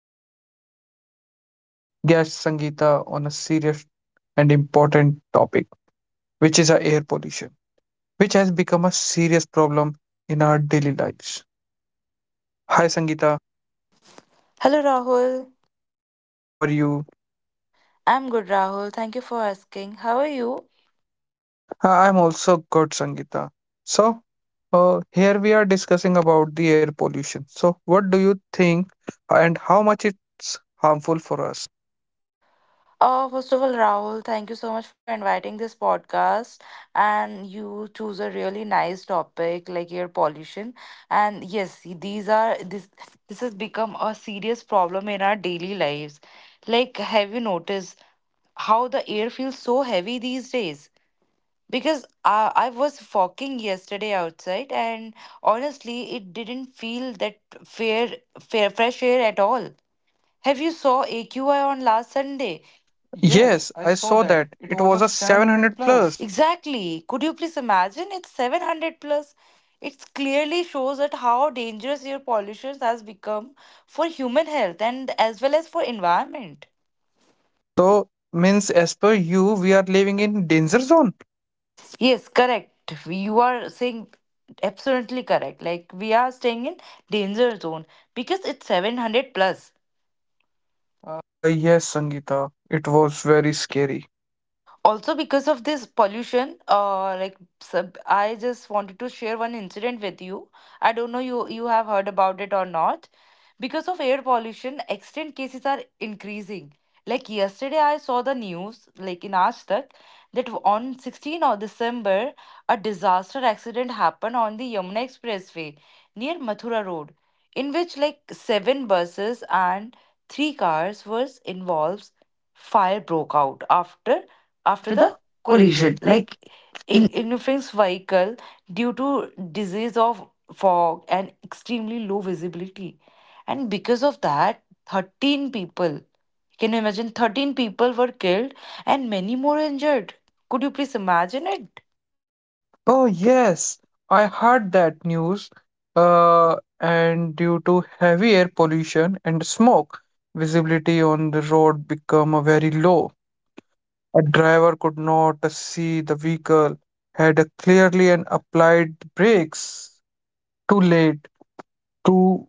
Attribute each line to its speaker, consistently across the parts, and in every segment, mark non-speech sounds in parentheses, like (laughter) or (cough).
Speaker 1: this podcast with guest Sangeeta on a serious and important topic, which is air pollution, which has become a serious problem in our daily lives. Hi, Sangeeta.
Speaker 2: Hello, Rahul.
Speaker 1: How are you?
Speaker 2: I'm good, Rahul. Thank you for asking. How are you?
Speaker 1: I'm also good, Sangeeta. So, here we are discussing about the air pollution. So, what do you think, and how much it's harmful for us?
Speaker 2: First of all, Rahul, thank you so much for inviting this podcast. And you choose a really nice topic like air pollution. And yes, these are this this has become a serious problem in our daily lives. Like, have you noticed how the air feels so heavy these days? Because I was walking yesterday outside and honestly it didn't feel that fair, fair fresh air at all. Have you saw aqi on last Sunday? Yes,
Speaker 1: Yes,
Speaker 2: I
Speaker 1: I
Speaker 2: saw
Speaker 1: saw
Speaker 2: that.
Speaker 1: that.
Speaker 2: It
Speaker 1: It
Speaker 2: was a
Speaker 1: was a
Speaker 2: 700
Speaker 1: 700 plus.
Speaker 2: plus. Exactly, could you please imagine it's 700 plus? It clearly shows that how dangerous air pollution has become for human health and as well as for environment.
Speaker 1: So, means as per you, we are living in danger zone?
Speaker 2: Yes, yes, correct. You are saying absolutely correct. Like, we are staying in danger zone because it's 700 plus.
Speaker 1: Yes, Sangeeta. It was very scary.
Speaker 2: Also, because of this pollution, I just wanted to share one incident with you. I don't know you have heard about it or not. Because of air pollution, accident cases are increasing. Like, yesterday I saw the news like in Aajtak that on 16 of December a disaster accident happened on the Yamuna Expressway near Mathura Road, in which like seven buses and three cars was involved. Fire broke out after after
Speaker 1: After
Speaker 2: the
Speaker 1: the
Speaker 2: collision,
Speaker 1: collision.
Speaker 2: like, in infant's vehicle, due to disease of fog and extremely low visibility, and because of that 13 people, can you imagine, 13 people were killed and many more injured. Could you please imagine it?
Speaker 1: Oh, yes, I heard that news. And due to heavy air pollution and smoke, visibility on the road became a very low. A driver could not see the vehicle, had a clearly and applied brakes too late to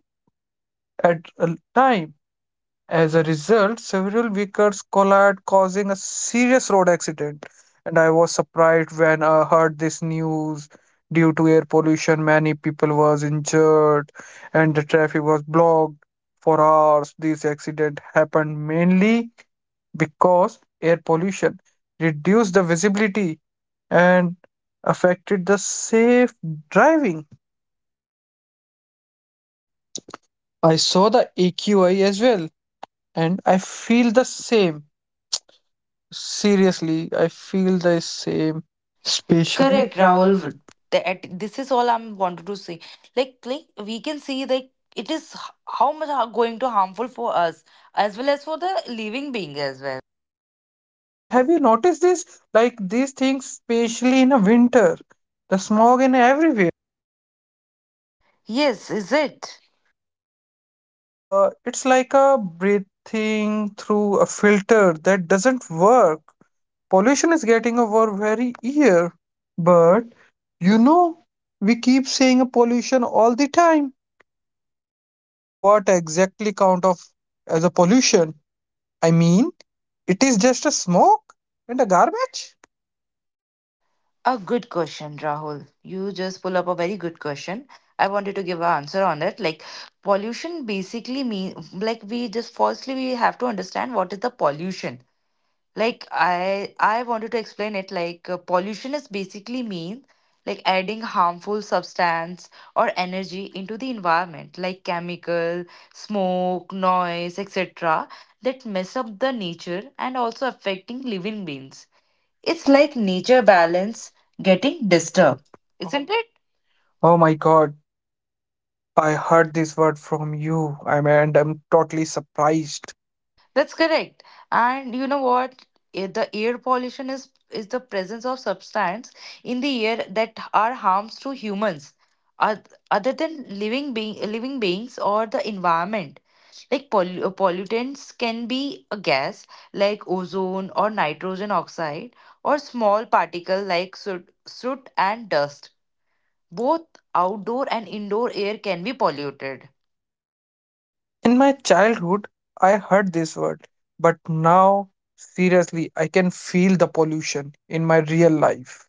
Speaker 1: at a time. As a result, several vehicles collided, causing a serious road accident. And I was surprised when I heard this news. Due to air pollution, many people was injured, and the traffic was blocked for hours. This accident happened mainly because air pollution reduced the visibility and affected the safe driving. I saw the AQI as well, and I feel the same. Seriously, I feel the same,
Speaker 2: Special
Speaker 1: especially.
Speaker 2: correct,
Speaker 1: Correct, Rahul.
Speaker 2: Rahul. That this is all I'm wanted to say. Like, we can see like how much are going to harmful for us as well as for the living being as well.
Speaker 1: Have you noticed this? Like these things, especially in a winter, the smog in everywhere.
Speaker 2: Yes, is it?
Speaker 1: It's like a breathing through a filter that doesn't work. Pollution is getting over very ear. But you know, we keep saying a pollution all the time. What exactly count of as a pollution? I mean, it is just a smoke and a garbage.
Speaker 2: A good question, Rahul. You just pull up a very good question. I wanted to give an answer on it. Like, pollution basically mean, like, we just firstly we have to understand what is the pollution. Like, I wanted to explain it like pollution is basically mean like adding harmful substance or energy into the environment like chemical, smoke, noise, etc. that mess up the nature and also affecting living beings.
Speaker 1: It's
Speaker 2: It's
Speaker 1: like
Speaker 2: like nature
Speaker 1: nature
Speaker 2: balance
Speaker 1: balance getting
Speaker 2: getting
Speaker 1: disturbed.
Speaker 2: disturbed, isn't it?
Speaker 1: Oh
Speaker 2: Oh
Speaker 1: my
Speaker 2: my,
Speaker 1: god,
Speaker 2: I
Speaker 1: I
Speaker 2: heard.
Speaker 1: heard this word from you, I mean, and I'm totally surprised.
Speaker 2: That's correct. And you know what? The air pollution is the presence of substance in the air that are harms to humans, other than living beings or the environment. Like pollutants can be a gas like ozone or nitrogen oxide, or small particle like soot and dust. Both outdoor and indoor air can be polluted.
Speaker 1: In my childhood, I heard this word, but now, seriously, I can feel the pollution in my real life.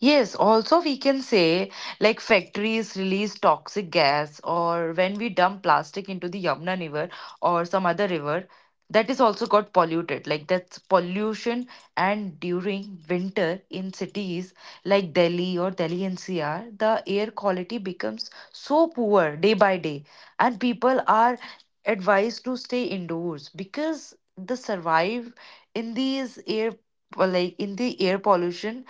Speaker 2: Yes, also we can say like factories release toxic gas, or when we dump plastic into the Yamuna River or some other river, that is also got polluted, like, that's pollution. And during winter in cities like Delhi or Delhi NCR, the air quality becomes so poor day by day, and people are advised to stay indoors because the survive in these air, like in the air pollution,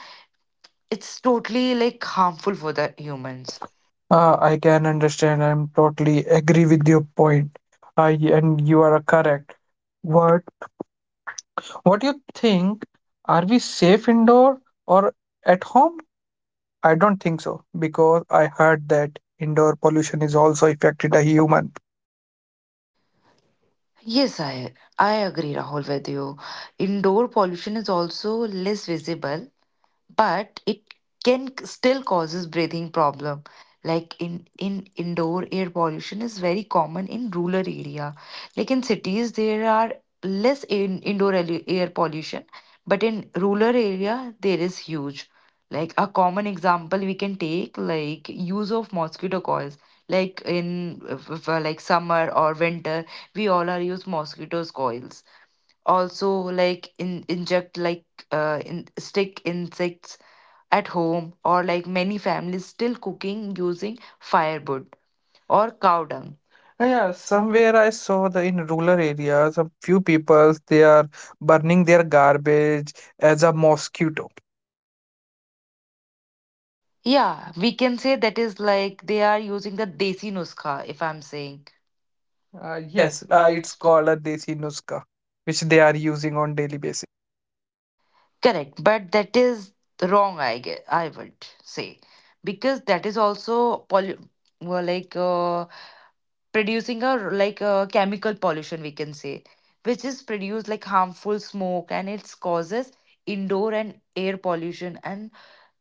Speaker 2: it's totally like harmful for the
Speaker 1: Human.
Speaker 2: humans.
Speaker 1: I can understand. I'm totally agree with your point. I and you are correct. What what do you think? Are we safe indoor or at home? I don't think so because I heard that indoor pollution is also affected a human.
Speaker 2: Yes, I agree, Rahul, with you. Indoor pollution is also less visible, but it still causes breathing problem. Like in indoor air pollution is very common in rural area. Like, in cities there are less in air pollution, but in rural area there is huge. Like, a common example we can take like use of mosquito coils, like in like summer or winter, we all are use mosquitoes coils. Also, like in inject like in stick insects at home, or like many families still cooking using firewood or cow dung.
Speaker 1: Yeah,
Speaker 2: Yeah, some
Speaker 1: somewhere I saw the in rural areas, a few people they are burning their garbage as a mosquito.
Speaker 2: Yeah, we can say that is like they are using the desi nuskha, if I'm saying.
Speaker 1: Yes,
Speaker 2: Yes,
Speaker 1: it's
Speaker 2: it's
Speaker 1: called a desi nuska, which they are using on daily basis.
Speaker 2: Correct, but that is wrong, I guess, I would say, because that is also poly, well, like producing a, like, a chemical pollution, we can say, which is produced like harmful smoke and it causes indoor and air pollution. And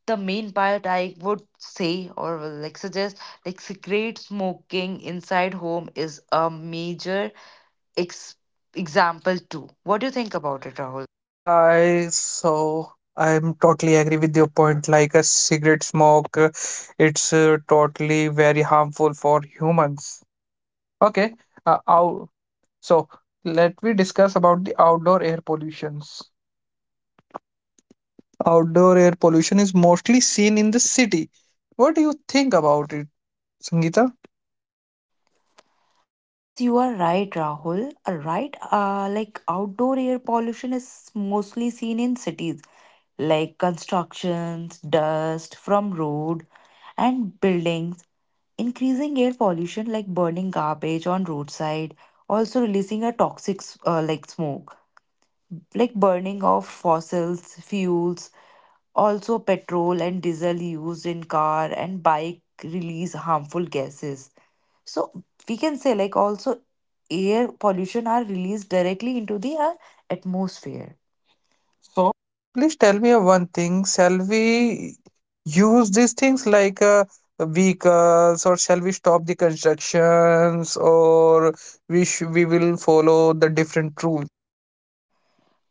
Speaker 2: the main part I would say, or will, like, suggest, like cigarette smoking inside home is a major ex- example too. What do you think about it, Rahul?
Speaker 1: Well, yeah, I I'm totally agree with your point. Like a cigarette smoke, it's totally very harmful for humans. Okay, uh, out, so let me discuss about the outdoor air pollutions. Outdoor air pollution is mostly seen in the city. What do you think about it, Sangeeta?
Speaker 2: Yes, you are right, Rahul. Right, like outdoor air pollution is mostly seen in cities, like constructions, dust from road and buildings, increasing air pollution like burning garbage on roadside, also releasing a like smoke. Like burning of fossils fuels, also petrol and diesel used in car and bike release harmful gases. So, we can say like also air pollution are released directly into the atmosphere. So,
Speaker 1: So please tell me one thing. Shall we use these things like vehicles, or shall we stop the constructions, or we will follow the different rules?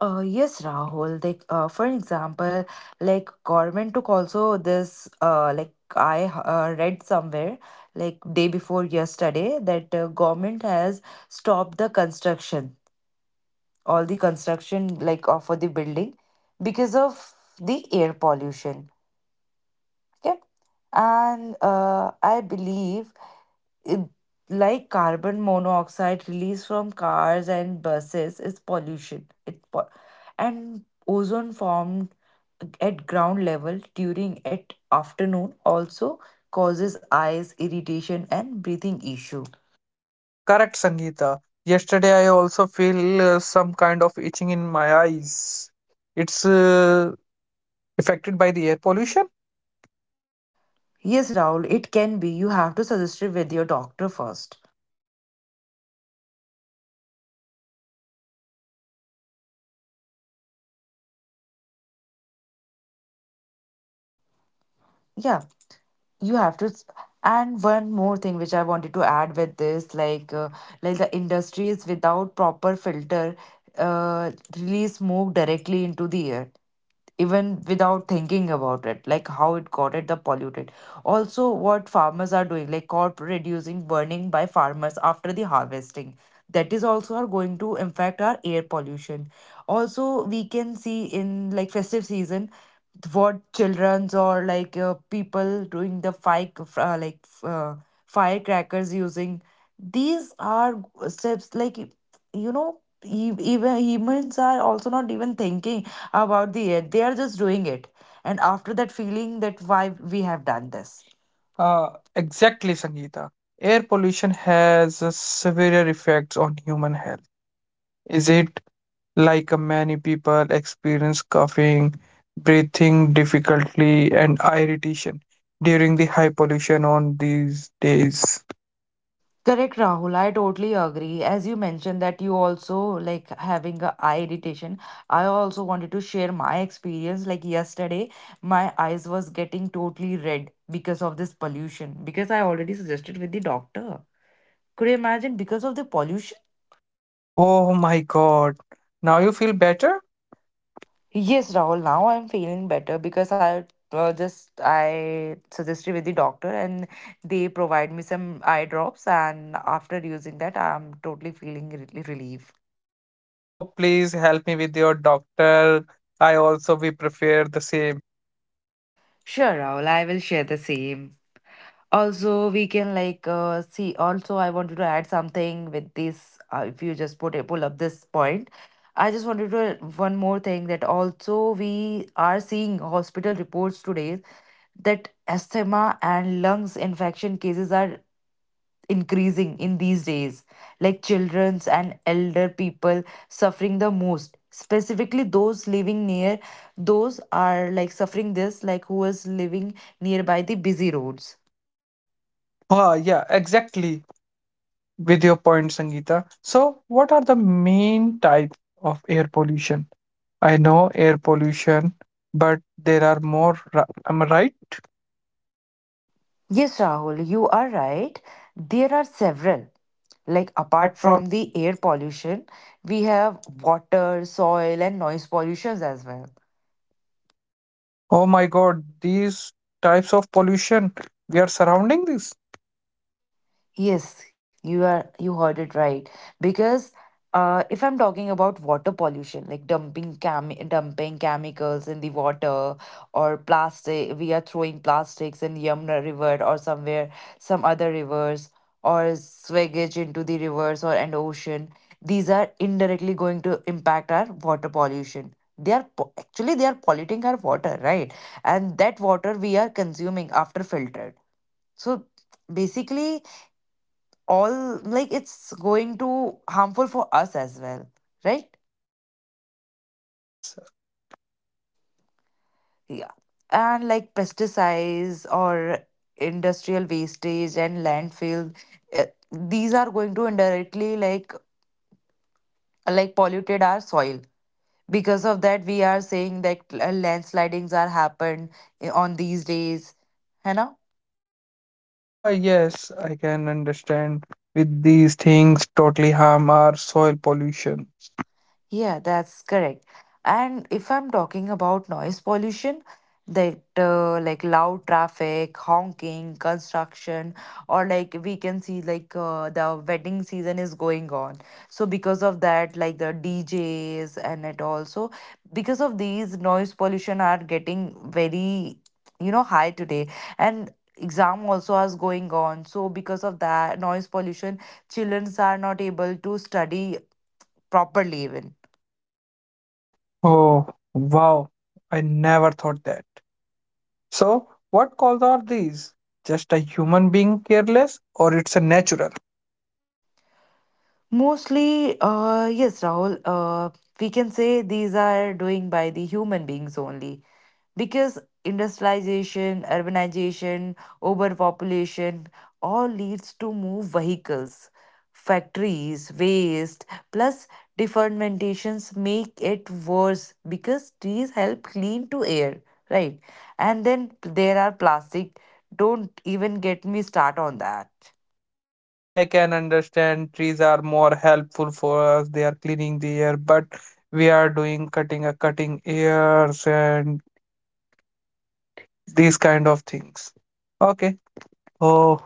Speaker 2: yes, Rahul. Like, for example, like government took also this. Like, I read somewhere, like day before yesterday, that government has stopped the construction, all the construction like for the building, because of the air pollution. Okay, and I believe it, like carbon monoxide released from cars and buses is pollution, and ozone formed at ground level during at afternoon also causes eyes irritation and breathing issue.
Speaker 1: Correct, Sangeeta. Yesterday, I also feel some kind of itching in my eyes. It's affected by the air pollution.
Speaker 2: Yes, Rahul, it can be. You have to suggest it with your doctor first. Yeah, you have to s- and one more thing which I wanted to add with this, like the industries without proper filter, uh, release smoke directly into the air even without thinking about it, like how it got it the polluted. Also, what farmers are doing, like crop reducing burning by farmers after the harvesting, that is also are going to impact our air pollution. Also, we can see in like festive season what children's or like people doing the fire, uh, like uh, firecrackers using, these are steps, like, you know, even humans are also not even thinking about the air, they are just doing it, and after that feeling that why we have done this.
Speaker 1: Uh,
Speaker 2: Uh,
Speaker 1: exactly, Sangeeta. Air pollution has severe effects on human health. Is it? Like many people experience coughing, breathing difficulty, and irritation during the high pollution on these days.
Speaker 2: Correct, Rahul. I totally agree. As you mentioned that you also like having a eye irritation, I also wanted to share my experience. Like, yesterday my eyes was getting totally red because of this pollution. Because I already suggested with the doctor. Could you imagine because of the pollution?
Speaker 1: Oh my god. Now you feel better?
Speaker 2: Yes, Rahul. Now I'm feeling better because I just I suggested with the doctor and they provide me some eye drops, and after using that I'm totally feeling relief.
Speaker 1: So please help me with your doctor. I also we prefer the same.
Speaker 2: Sure, Raul, I will share the same. Also, we can like see. Also, I wanted to add something with this. If you just put a pull up this point, I just wanted to add one more thing that also we are seeing hospital reports today that asthma and lungs infection cases are increasing in these days, like children's and elder people suffering the most, specifically those living near, those are like suffering this, like who is living nearby the busy roads.
Speaker 1: Ah, yeah, exactly. With your point, Sangeeta. So what are the main types of air pollution? I know air pollution, but there are more. Am I right?
Speaker 2: Yes, Rahul, you are right. There are several.
Speaker 1: Like
Speaker 2: Like, apart
Speaker 1: apart from.
Speaker 2: from the air pollution, we have water, soil, and noise pollutions as well.
Speaker 1: Oh my god, these types of pollution we are surrounding this.
Speaker 2: Yes, you are, you heard it right. Because if I'm talking about water pollution, like dumping chemicals in the water or plastic, we are throwing plastics in Yamuna River or somewhere, some other rivers, or sewage into the rivers or and ocean. These are indirectly going to impact our water pollution. They are po, actually they are polluting our water, right? And that water we are consuming after filtered. So basically all like it's going to harmful for us as well, right?
Speaker 1: Ah, yes.
Speaker 2: Yeah, and like pesticides or industrial wastage and landfill, these are going to indirectly like polluted our soil. Because of that, we are saying that landslidings are happened on these days, है ना.
Speaker 1: Ah, yes, I can understand. With these things, totally harm our soil pollution.
Speaker 2: Yeah, that's correct. And if I'm talking about noise pollution, that like loud traffic, honking, construction, or like we can see like the wedding season is going on. So because of that, like the DJs, and it also because of these noise pollution are getting very, you know, high today. And exam also is going on, so because of that noise pollution, childrens are not able to study properly even.
Speaker 1: Oh, wow. I never thought that. So, what cause are these? Just a human being careless, or it's a natural?
Speaker 2: Mostly, yes, Rahul, we can say these are doing by the human beings only. Because industrialization, urbanization, overpopulation all leads to move vehicles, factories, waste, plus defermentations make it worse because trees help clean to air, right? And then there are plastic. Don't even get me start on that.
Speaker 1: I can understand trees are more helpful for us. They are cleaning the air, but we are doing cutting ears and these kind of things. Okay. Oh,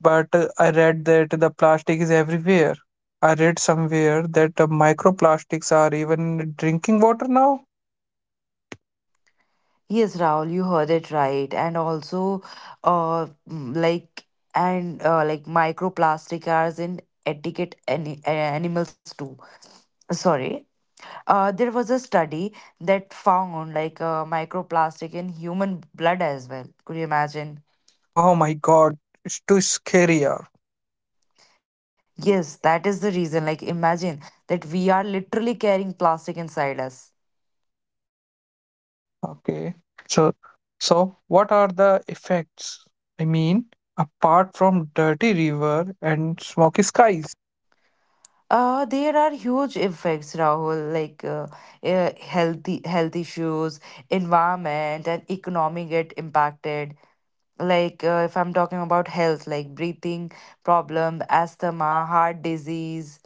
Speaker 1: but I read that the plastic is everywhere. I read somewhere that the microplastics are even in drinking water now.
Speaker 2: Yes, Rahul, you heard it right. And also, like, and like microplastic are in etiquette a- animals too. Sorry, there was a study that found like microplastic in human blood as well. Could you imagine?
Speaker 1: Oh my God, it's too scary. Yeah.
Speaker 2: Yes, that is the reason. Like, imagine that we are literally carrying plastic inside us.
Speaker 1: Okay. So, so, what are the effects? I mean, apart from dirty river and smoky skies.
Speaker 2: There are huge effects, Rahul, like healthy health issues, environment, and economy get impacted. Like if I'm talking about health, like breathing problem, asthma, heart disease,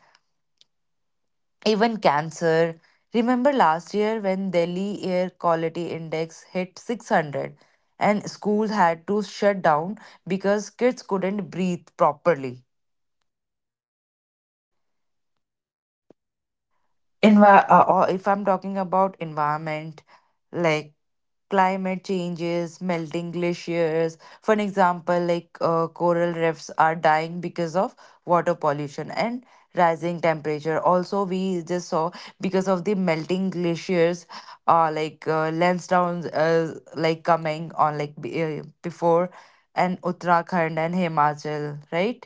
Speaker 2: even cancer. Remember last year when Delhi air quality index hit 600 and schools had to shut down because kids couldn't breathe properly.
Speaker 1: Envi-
Speaker 2: Or if I'm talking about environment, like climate changes, melting glaciers. For an example, like coral reefs are dying because of water pollution and rising temperature. Also, we just saw because of the melting glaciers, Lansdowne, like coming on like before, and Uttarakhand and Himachal, right?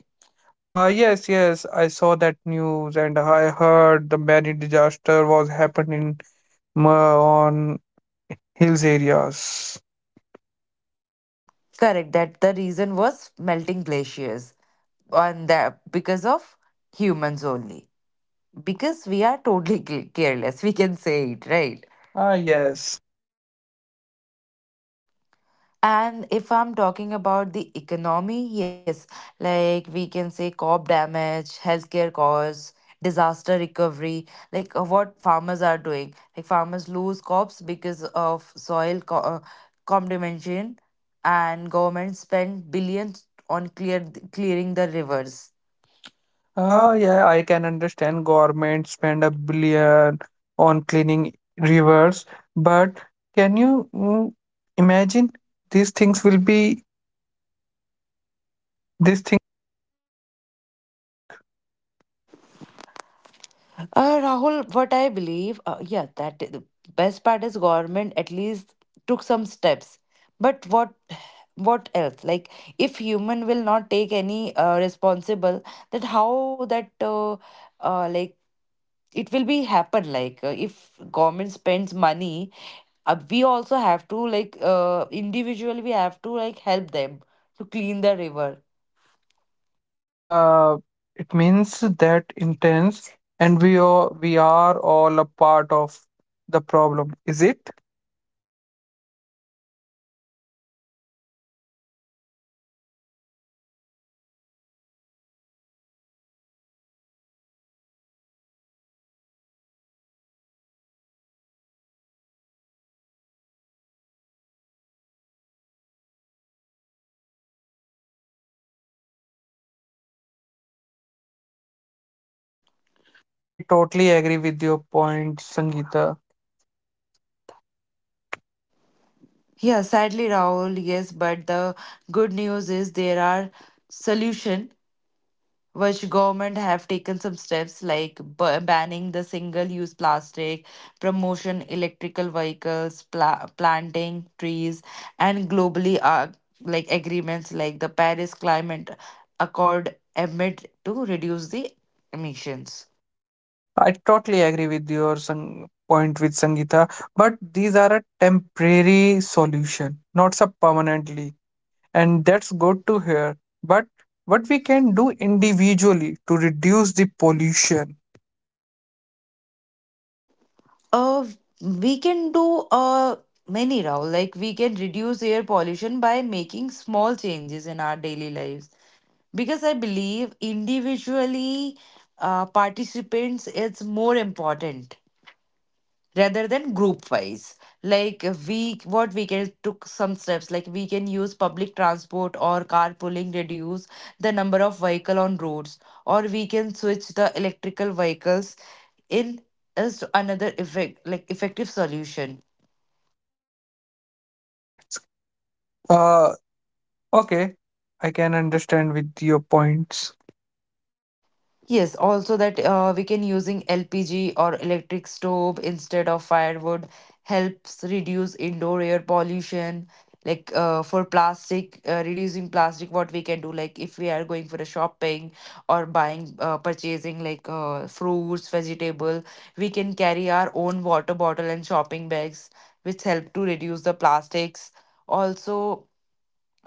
Speaker 1: Yes, yes, I saw that news and I heard the many disaster was happened in on hills areas.
Speaker 2: Correct. That the reason was melting glaciers on that, because of humans only because we are totally (laughs) careless, we can say it, right?
Speaker 1: Ah,
Speaker 2: Ah,
Speaker 1: yes.
Speaker 2: yes. And if I'm talking about the economy, yes, like we can say crop damage, healthcare costs, disaster recovery, like what farmers are doing, like farmers lose crops because of contamination, and government spend billions on clearing the rivers.
Speaker 1: Ah, yeah, I can understand government spend a billion on cleaning rivers, but can you imagine these things will be these things we work?
Speaker 2: Rahul, what I believe, yeah, that the best part is government at least took some steps. But what else? Like, if human will not take any responsible, that how that like it will be happen. Like, if government spends money, we also have to, like individually we have to, like, help them to clean the river.
Speaker 1: Uh, it means that intense, and we are all a part of the problem, is it? I totally agree with your point, Sangeeta.
Speaker 2: Yeah, sadly, Rahul, yes, but the good news is there are solution which government have taken some steps like banning the single-use plastic, promotion electrical vehicles, planting trees, and globally like agreements like the Paris Climate Accord amid to reduce the emissions.
Speaker 1: I totally agree with your point with Sangeeta. But these are a temporary solution, not so permanently. And that's good to hear. But what we can do individually to reduce the pollution?
Speaker 2: Uh, we can do many, Rahul. Like, we can reduce air pollution by making small changes in our daily lives. Because I believe individually, participants, it's more important rather than group wise. Like, we, what we can took some steps, like we can use public transport or carpooling, reduce the number of vehicle on roads, or we can switch the electrical vehicles in is another effect like effective solution.
Speaker 1: Uh, okay, I can understand with your points.
Speaker 2: Yes, also that we can using LPG or electric stove instead of firewood helps reduce indoor air pollution. Like for plastic, reducing plastic, what we can do, like if we are going for a shopping or buying, purchasing, like fruits, vegetable, we can carry our own water bottle and shopping bags, which help to reduce the plastics. Also,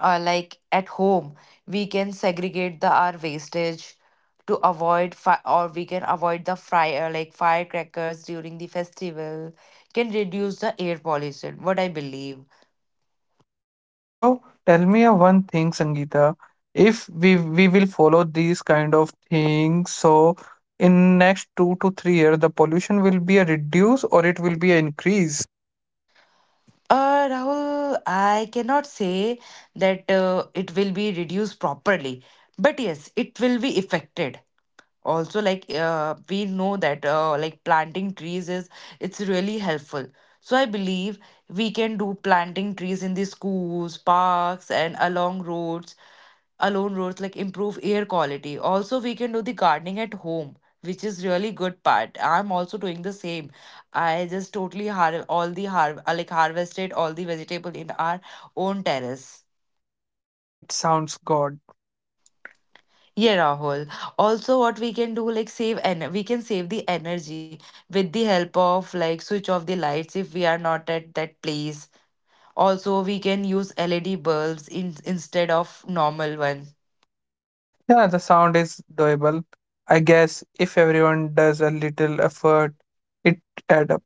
Speaker 2: like at home we can segregate the our wastage to avoid fi- or we can avoid the fire like firecrackers during the festival, can reduce the air pollution, what I believe.
Speaker 1: So tell me a one thing, Sangeeta. If we will follow these kind of things, so in next 2 to 3 years, the pollution will be a reduce or it will be an increase.
Speaker 2: Rahul, I cannot say that it will be reduced properly, but yes, it will be affected. Also, like we know that like planting trees is it's really helpful. So I believe we can do planting trees in the schools, parks, and along roads, like improve air quality. Also, we can do the gardening at home, which is really good part. I'm also doing the same. I just totally harvested all the vegetable in our own terrace.
Speaker 1: Ah, it sounds good.
Speaker 2: Yeah, Rahul. Also, what we can do, like save and we can save the energy with the help of like switch off the lights if we are not at that place. Also, we can use LED bulbs in instead of normal one.
Speaker 1: Yeah, the sound is doable. I guess if everyone does a little effort, it add up.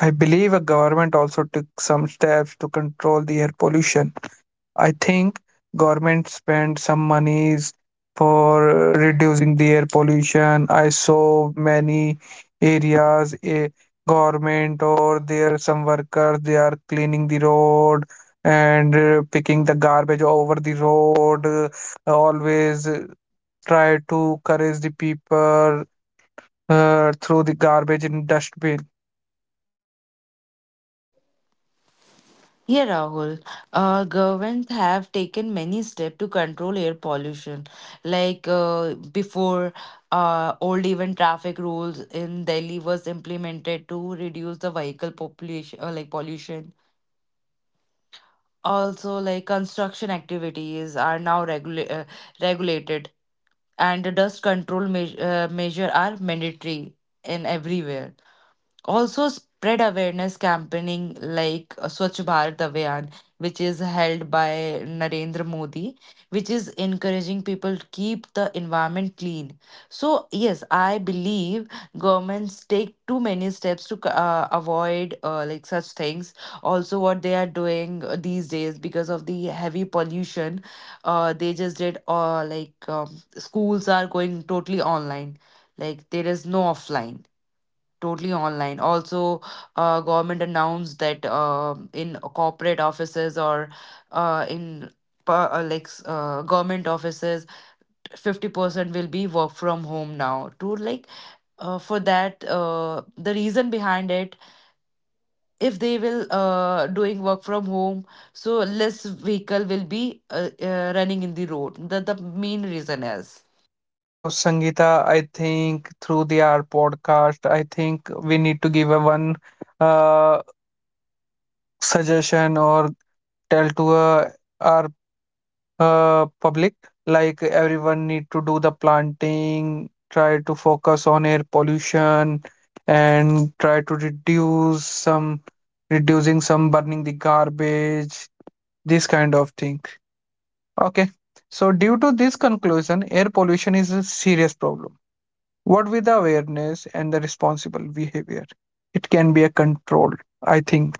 Speaker 1: I believe a government also took some steps to control the air pollution. I think government spend some monies for reducing the air pollution. I saw many areas a government or there some workers they are cleaning the road and picking the garbage over the road. Always try to encourage the people through the garbage in dustbin.
Speaker 2: Yeah, Rahul. Governments have taken many steps to control air pollution. Like before, old even traffic rules in Delhi was implemented to reduce the vehicle population, like pollution. Also, like construction activities are now regulated, and the dust control me measure are mandatory in everywhere. Also spread awareness campaigning like Swachh Bharat Abhiyan, which is held by Narendra Modi, which is encouraging people to keep the environment clean. So yes, I believe governments take too many steps to avoid like such things. Also, what they are doing these days because of the heavy pollution, they just did schools are going totally online. Like there is no offline, totally online. Also government announced that in corporate offices or in per- like s- government offices 50% will be work from home now to like for that the reason behind it, if they will doing work from home, so less vehicle will be running in the road, that the main reason is.
Speaker 1: So, Sangeeta, I think through the our podcast, I think we need to give a one uh, suggestion or tell to our public, like everyone need to do the planting, try to focus on air pollution and try to reduce some, reducing some burning the garbage, this kind of thing. Okay, so due to this conclusion, air pollution is a serious problem. What with the awareness and the responsible behavior, it can be a control, I think.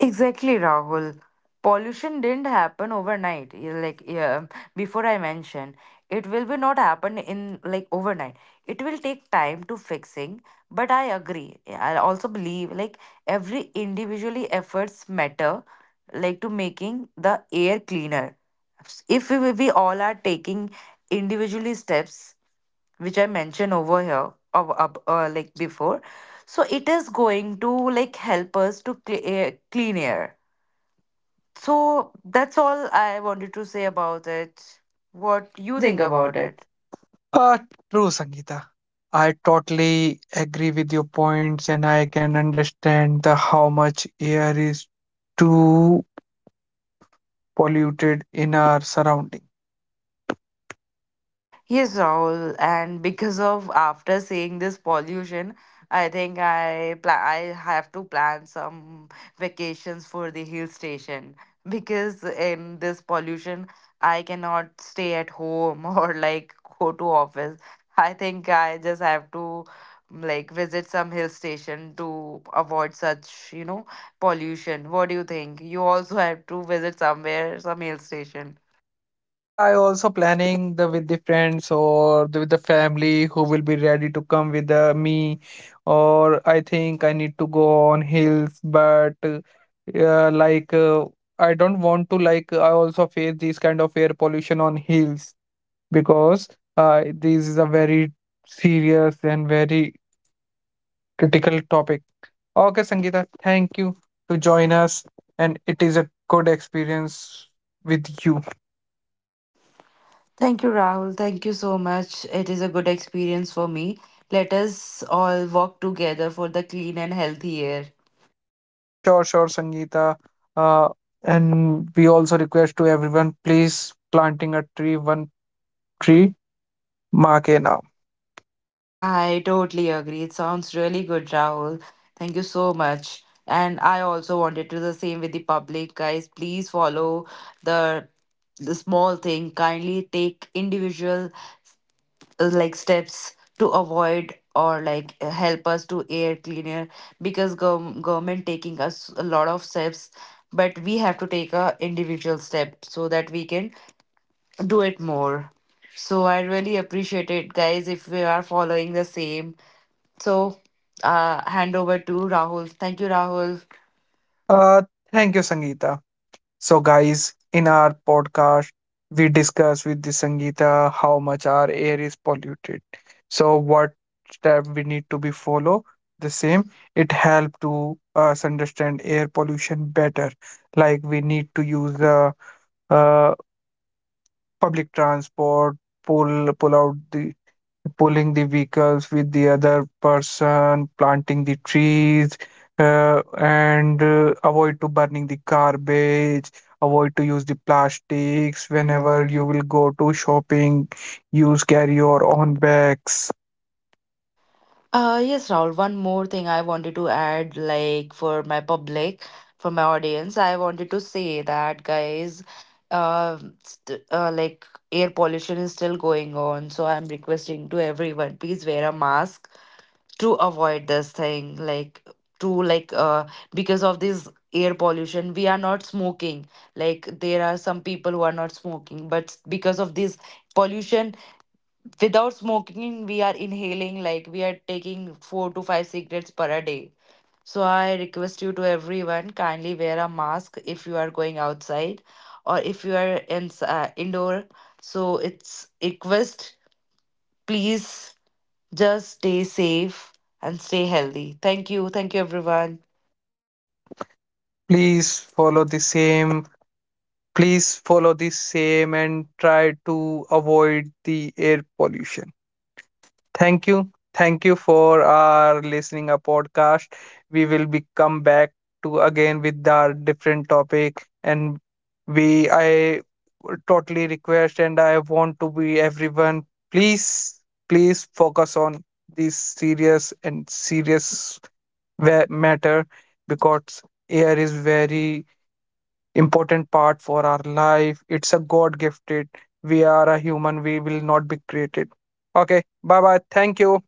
Speaker 2: Exactly, Rahul. Pollution didn't happen overnight. Yeah. Like, yeah, before I mentioned, it will be not happen in like overnight. It will take time to fixing. But I agree. I also believe like every individually efforts matter. Like to making the air cleaner. If we all are taking individually steps, which I mentioned over here, of up like before, so it is going to like help us to clean air. So that's all I wanted to say about it.
Speaker 1: What
Speaker 2: What
Speaker 1: you
Speaker 2: you
Speaker 1: think
Speaker 2: think
Speaker 1: about
Speaker 2: about
Speaker 1: it?
Speaker 2: it?
Speaker 1: Uh, True, Sangeeta. I totally agree with your points, and I can understand the how much air is too polluted in our surrounding.
Speaker 2: Yes, Rahul, and because of after seeing this pollution, I think I have to plan some vacations for the hill station because in this pollution I cannot stay at home (laughs) or like go to office. I think I just have to like visit some hill station to avoid such, you know, pollution. What do you think? You also have to visit somewhere, some hill station.
Speaker 1: Yeah, I also planning the with the friends or the, with the family who will be ready to come with me, or I think I need to go on hills, but yeah, like uh, I don't want to like I also face this kind of air pollution on hills because this is a very serious and very critical topic. Okay, Sangeeta, thank you to join us, and it is a good experience with you.
Speaker 2: Thank you, Rahul. Thank you so much. It is a good experience for me. Let us all walk together for the clean and healthy air.
Speaker 1: Sure, sure, Sangeeta. Uh, and we also request to everyone, please planting a tree, one tree, mark a now.
Speaker 2: I totally agree. It sounds really good, Rahul. Thank you so much. And I also wanted to do the same with the public, guys. Please follow the the small thing. Kindly take individual like steps to avoid or like help us to air cleaner, because government taking us a lot of steps, but we have to take a individual step so that we can do it more. So I really appreciate it, guys, if we are following the same. So hand over to Rahul. Thank you, Rahul.
Speaker 1: Uh, Thank you, Sangeeta. So, guys, in our podcast, we discuss with the Sangeeta how much our air is polluted. So, what step we need to be follow the same. It help to us understand air pollution better. Like we need to use the uh, public transport, pull pull out the pulling the vehicles with the other person, planting the trees, and avoid to burning the garbage, avoid to use the plastics.
Speaker 2: Whenever
Speaker 1: Whenever
Speaker 2: you.
Speaker 1: you will go to shopping, use carry your own bags.
Speaker 2: Yes, Raul. One more thing I wanted to add, like for my public, for my audience, I wanted to say that, guys, st like air pollution is still going on, so I'm requesting to everyone, please wear a mask to avoid this thing. Like to like because of this air pollution, we are not smoking. Like there are some people who are not smoking, but because of this pollution, without smoking, we are inhaling, like we are taking 4 to 5 cigarettes per a day. So I request you to everyone, kindly wear a mask if you are going outside or if you are in, indoor. So it's request, please, just stay safe and stay healthy. Thank you. Thank you, everyone.
Speaker 1: Please follow the same. Please follow the same and try to avoid the air pollution. Thank you. Thank you for our listening a podcast. We will be come back to again with our different topic, and we I totally request and I want to be everyone, please, please focus on this serious and serious matter, because air is very important part for our life. It's a god gifted. We are a human, we will not be created. Okay, bye bye, thank you.